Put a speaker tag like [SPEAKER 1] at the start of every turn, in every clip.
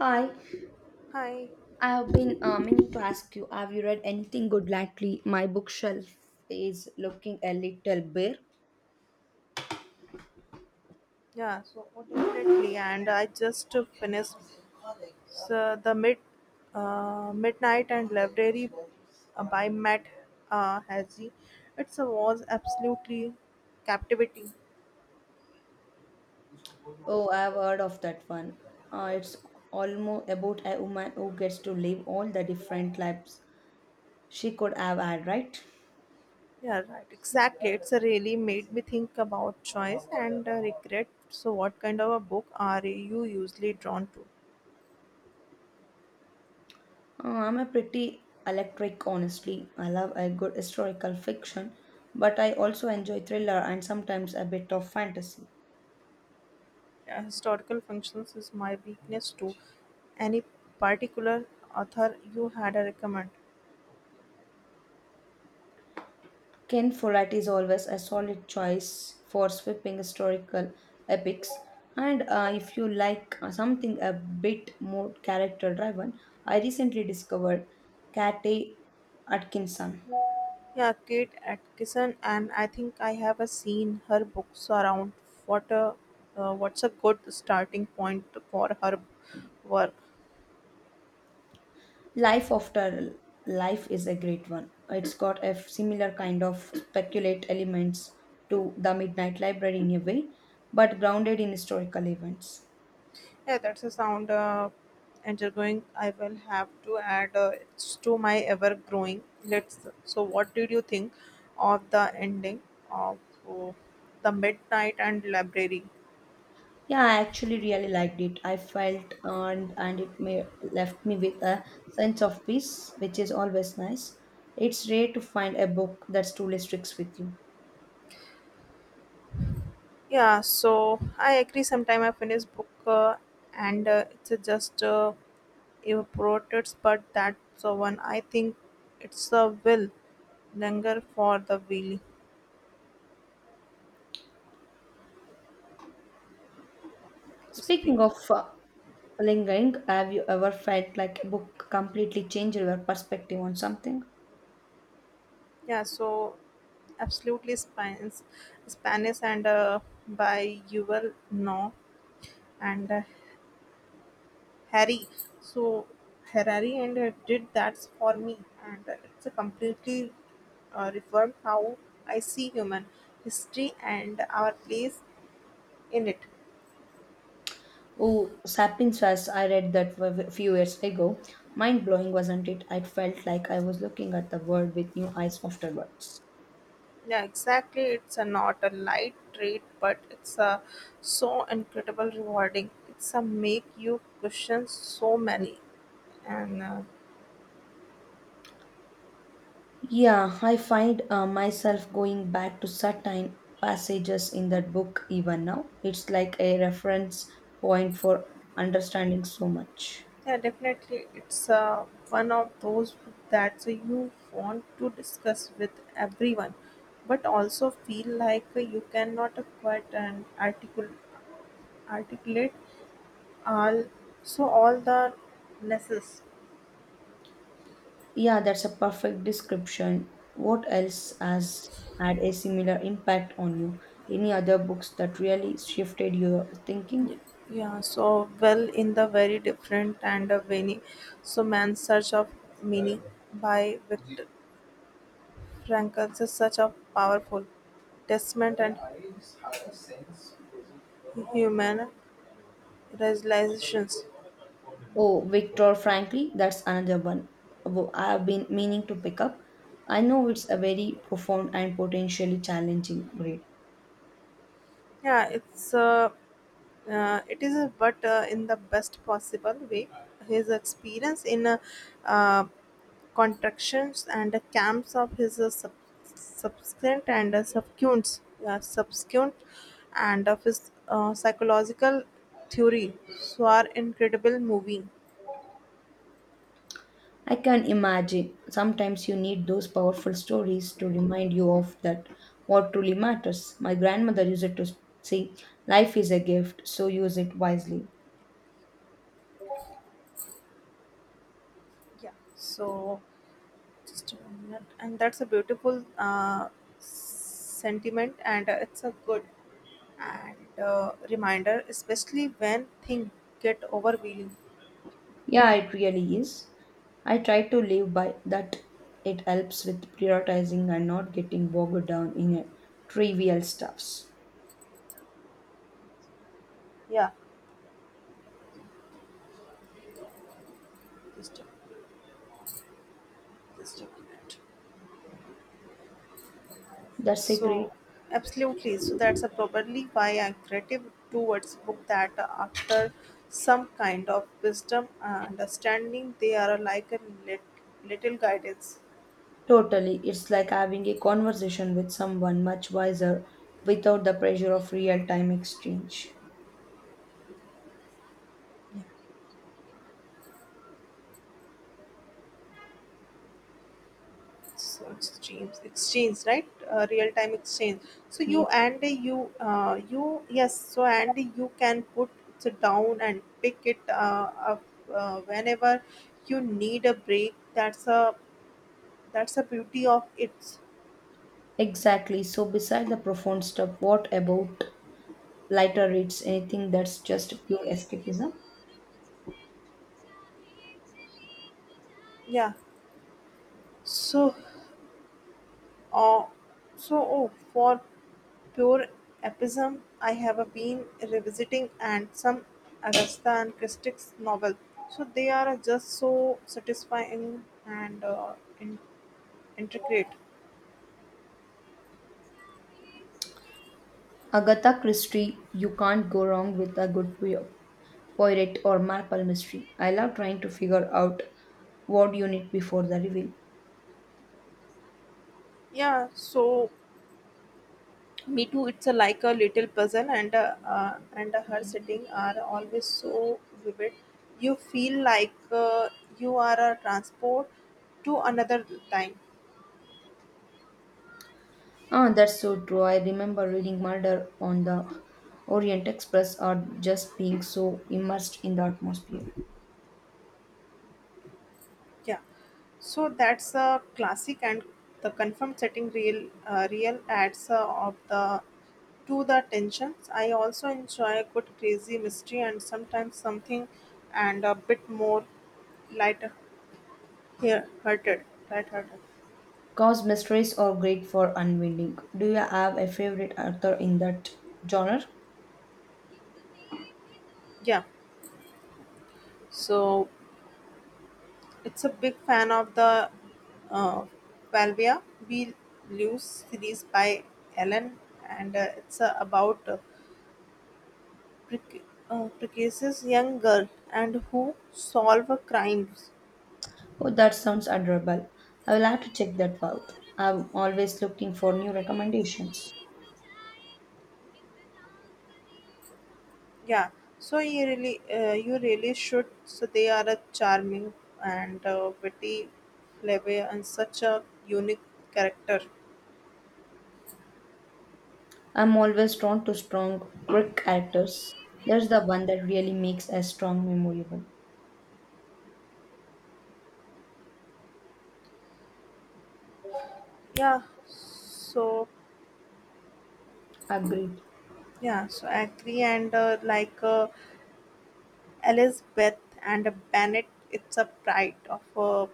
[SPEAKER 1] Hi,
[SPEAKER 2] Hi.
[SPEAKER 1] I have been meaning to ask you, have you read anything good lately? My bookshelf is looking a little bare.
[SPEAKER 2] Definitely. And I just finished the mid midnight and library by Matt Hazy. It was absolutely captivating.
[SPEAKER 1] Oh, I have heard of that one. It's almost about a woman who gets to live all the different lives she could have had, right?
[SPEAKER 2] Yeah, right. Exactly. It's a really made me think about choice and regret. So, what kind of a book are you usually drawn to?
[SPEAKER 1] I'm a pretty electric, honestly. I love a good historical fiction, but I also enjoy thriller and sometimes a bit of fantasy.
[SPEAKER 2] Yeah, historical functions is my weakness too. Any particular author you had a recommend?
[SPEAKER 1] Ken Follett is always a solid choice for sweeping historical epics. And if you like something a bit more character driven, I recently discovered Kate Atkinson.
[SPEAKER 2] Yeah, Kate Atkinson, and I think I have seen her books around. What a what's a good starting point for her work?
[SPEAKER 1] Life After Life is a great one. It's got a similar kind of speculate elements to The Midnight Library in a way, but grounded in historical events.
[SPEAKER 2] Yeah, that's a sound going. I will have to add it's to my ever growing. Let's. So, what did you think of the ending of uh, the Midnight and Library?
[SPEAKER 1] Yeah, I actually really liked it. I felt earned and it may, left me with a sense of peace, which is always nice. It's rare to find a book that truly sticks with you.
[SPEAKER 2] Yeah, so I agree. Sometime I finish book and it's just. Evaporates, but that's the one. I think it's a will linger for the wheel
[SPEAKER 1] Speaking
[SPEAKER 2] speak.
[SPEAKER 1] of lingering, have you ever felt like a book completely changed your perspective on something?
[SPEAKER 2] Yeah, so absolutely Spanish and by Yuval No and Harry. So Harari and did that for me, and it's a completely reformed how I see human history and our place in it.
[SPEAKER 1] Oh, Sapiens Fast, I read that a few years ago. Mind blowing, wasn't it? I felt like I was looking at the world with new eyes afterwards.
[SPEAKER 2] Yeah, exactly. It's a not a light treat, but it's a so incredible rewarding. It's a make you question so many, and
[SPEAKER 1] Yeah, I find myself going back to certain passages in that book even now. It's like a reference point for understanding so much.
[SPEAKER 2] yeah, definitely, it's one of those that you want to discuss with everyone, but also feel like you cannot quite and articulate all so all the lessons.
[SPEAKER 1] Yeah, that's a perfect description. What else has had a similar impact on you? Any other books that really shifted your thinking?
[SPEAKER 2] Ye- Yeah, so well in the very different and a veiny. So man's search of meaning by Viktor Frankl is such a powerful testament and human realizations.
[SPEAKER 1] Oh, Victor Frankly, that's another one I have been meaning to pick up. I know it's a very profound and potentially challenging read.
[SPEAKER 2] Yeah, it's it is, but in the best possible way. His experience in uh, contractions and camps of his subsequent and uh, subsequent, subsequent and of his psychological theory so are incredible movie.
[SPEAKER 1] I can imagine sometimes you need those powerful stories to remind you of that what truly matters. My grandmother used it to say, "Life is a gift, so use it wisely."
[SPEAKER 2] Yeah. So just a minute and that's a beautiful sentiment and it's a good and reminder especially when things get overwhelming.
[SPEAKER 1] Yeah, it really is. I try to live by that. It helps with prioritizing and not getting bogged down in trivial stuffs.
[SPEAKER 2] Yeah, just a, just a minute.
[SPEAKER 1] That's a great.
[SPEAKER 2] So, absolutely. So that's a probably why I'm creative towards book that after some kind of wisdom and understanding, they are like a lit, little guidance.
[SPEAKER 1] Totally. It's like having a conversation with someone much wiser without the pressure of real time exchange.
[SPEAKER 2] Yeah. So exchange, right? Real time exchange. So
[SPEAKER 1] Yeah.
[SPEAKER 2] you yes. So and you can put it down and pick it up whenever you need a break. That's a beauty of it.
[SPEAKER 1] Exactly. So, beside the profound stuff, what about lighter reads? Anything that's just pure escapism?
[SPEAKER 2] Yeah. So Oh, so for pure epism, I have been revisiting and some Arista and Christie's novel. So they are just so satisfying and in- intricate.
[SPEAKER 1] Agatha Christie, you can't go wrong with a good poet or Marple mystery. I love trying to figure out what you need before the reveal.
[SPEAKER 2] Yeah. So me too. It's a, like a little puzzle, and her setting are always so vivid. You feel like you are a transport to another time.
[SPEAKER 1] Ah, that's so true. I remember reading Murder on the Orient Express or just being so immersed in the atmosphere.
[SPEAKER 2] Yeah, so that's a classic and the confirmed setting real adds of the to the tensions. I also enjoy a good crazy mystery and sometimes something and a bit more light here hearted light hearted.
[SPEAKER 1] Cause mysteries are great for unwinding. Do you have a favorite author in that genre?
[SPEAKER 2] Yeah, so it's a big fan of the uh, Valvia We Lose series by Ellen and it's prec- precocious young girl and who solve crimes.
[SPEAKER 1] Oh, that sounds adorable. I will have to check that out. I'm always looking for new recommendations.
[SPEAKER 2] Yeah, so you really should. So they are a charming and witty, clever, and such a unique character.
[SPEAKER 1] I'm always drawn to strong, quick characters. There's the one that really makes a strong memorable.
[SPEAKER 2] Yeah, so
[SPEAKER 1] Agreed.
[SPEAKER 2] yeah, so I agree. And Elizabeth and Bennett, it's a pride of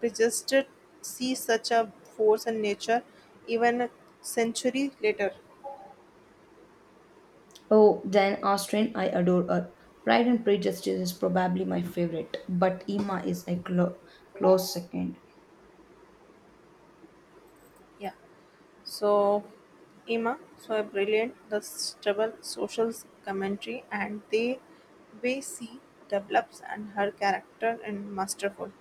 [SPEAKER 2] we just did see such a force in nature, even a century later.
[SPEAKER 1] Oh, Jane Austen, I adore her. Pride and Prejudice is probably my favorite, but Emma is a close second.
[SPEAKER 2] Yeah. So, Emma, so a brilliant, the stubble social commentary and the way she develops and her character and masterful.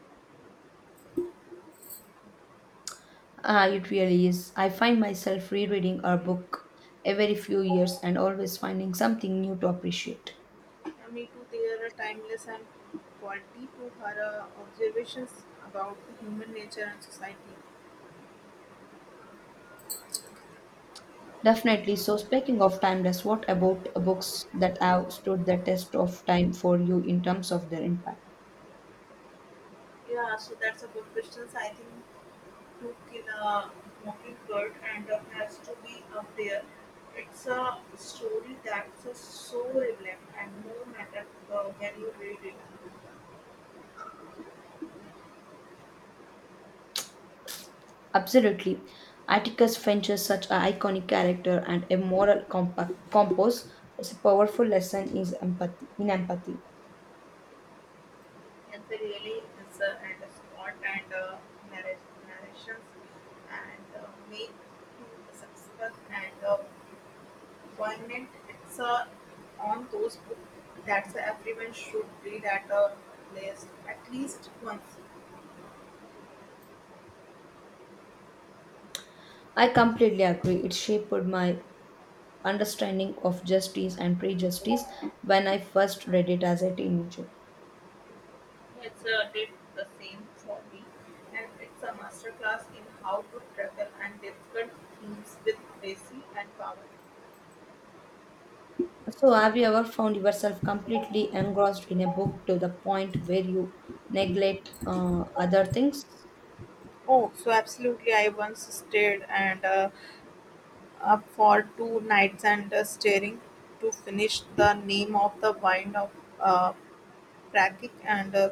[SPEAKER 1] Ah, it really is. I find myself rereading her book every few years and always finding something new to appreciate.
[SPEAKER 2] And me too, they are a timeless and quality to her observations about the human nature and society.
[SPEAKER 1] Definitely. So, speaking of timeless, what about books that have stood the test of time for you in terms of their impact?
[SPEAKER 2] Yeah, so that's a good question. I think to kill a mockingbird and has to be up there. It's a story that's so relevant and no matter when you read it.
[SPEAKER 1] Absolutely. Atticus Finch is such an iconic character and a moral compass. It's a powerful lesson is empathy, in empathy.
[SPEAKER 2] It's they really is and a spot and narrations and make to successful and poignant. It's on those books that everyone should read at least once.
[SPEAKER 1] I completely agree. It shaped my understanding of justice and prejudice when I first read it as a teenager.
[SPEAKER 2] It's did the same for me, and it's a masterclass in how to travel and difficult themes with Tracy and Power.
[SPEAKER 1] So, have you ever found yourself completely engrossed in a book to the point where you neglect other things?
[SPEAKER 2] Oh, so absolutely! I once stayed and. Up for two nights and staring to finish the name of the wine of uh, Prakic and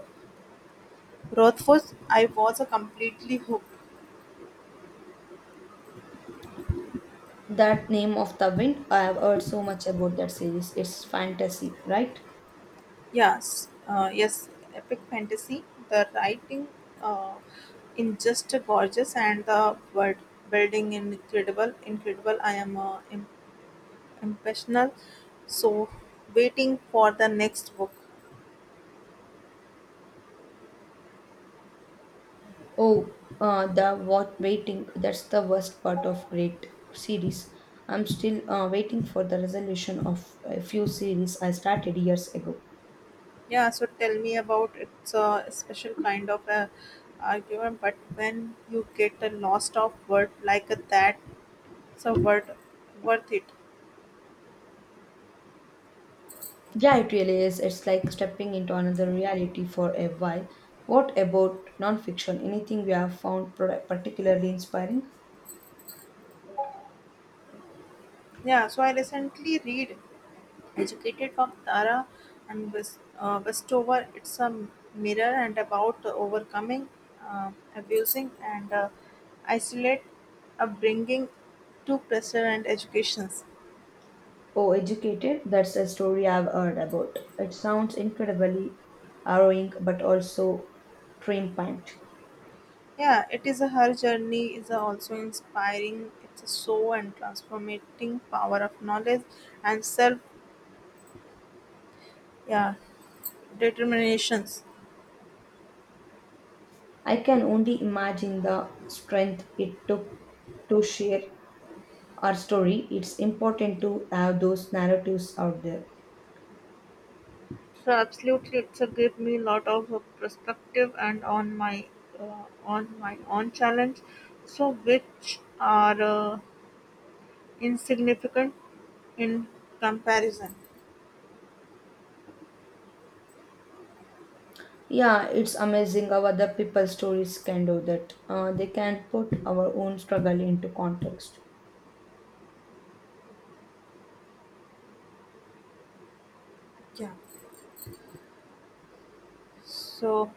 [SPEAKER 2] Rothfuss. I was completely hooked.
[SPEAKER 1] That name of the wind, I have heard so much about that series. It's fantasy, right?
[SPEAKER 2] Yes, epic fantasy. The writing uh, in just gorgeous and the word building incredible. I am impressional. So waiting for the next book.
[SPEAKER 1] Oh, the what waiting. That's the worst part of great series. I'm still waiting for the resolution of a few series I started years ago.
[SPEAKER 2] Yeah, so tell me about it's a special kind of a argument, but when you get a lost of word like that, it's a word worth it.
[SPEAKER 1] Yeah, it really is. It's like stepping into another reality for a while. What about nonfiction? Anything you have found particularly inspiring?
[SPEAKER 2] Yeah, so I recently read Educated of Tara and West, Westover. It's a mirror and about overcoming, abusing, and isolate upbringing to pressure and education.
[SPEAKER 1] Oh, Educated, that's a story I've heard about. It sounds incredibly harrowing but also triumphant.
[SPEAKER 2] Yeah, it is a her journey is a also inspiring. It's a so and transformating power of knowledge and self yeah determinations.
[SPEAKER 1] I can only imagine the strength it took to share our story. It's important to have those narratives out there.
[SPEAKER 2] So absolutely, it's a give me lot of perspective and on my own challenge. So which are insignificant in comparison.
[SPEAKER 1] Yeah, it's amazing how other people's stories can do that. They can put our own struggle into context.
[SPEAKER 2] Yeah. So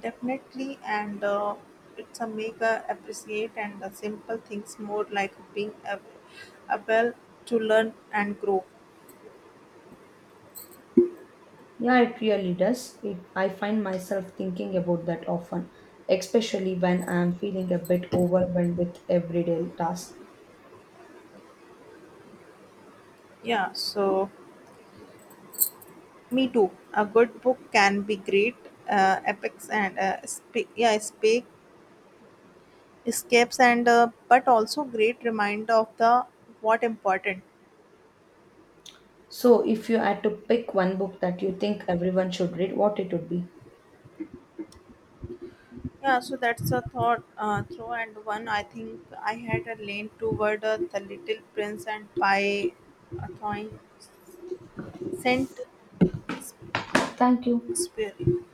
[SPEAKER 2] definitely, and it's a make appreciate and simple things more like being able to learn and grow.
[SPEAKER 1] Yeah, it really does. It, I find myself thinking about that often, especially when I'm feeling a bit overwhelmed with everyday tasks.
[SPEAKER 2] Yeah, so me too. A good book can be great, yeah, speak escapes and but also great reminder of the what important.
[SPEAKER 1] So, if you had to pick one book that you think everyone should read, what it would be?
[SPEAKER 2] Yeah, so that's a thought through and one. I think I had a lean toward the Little Prince and by a thought sent
[SPEAKER 1] Thank you.
[SPEAKER 2] Experience.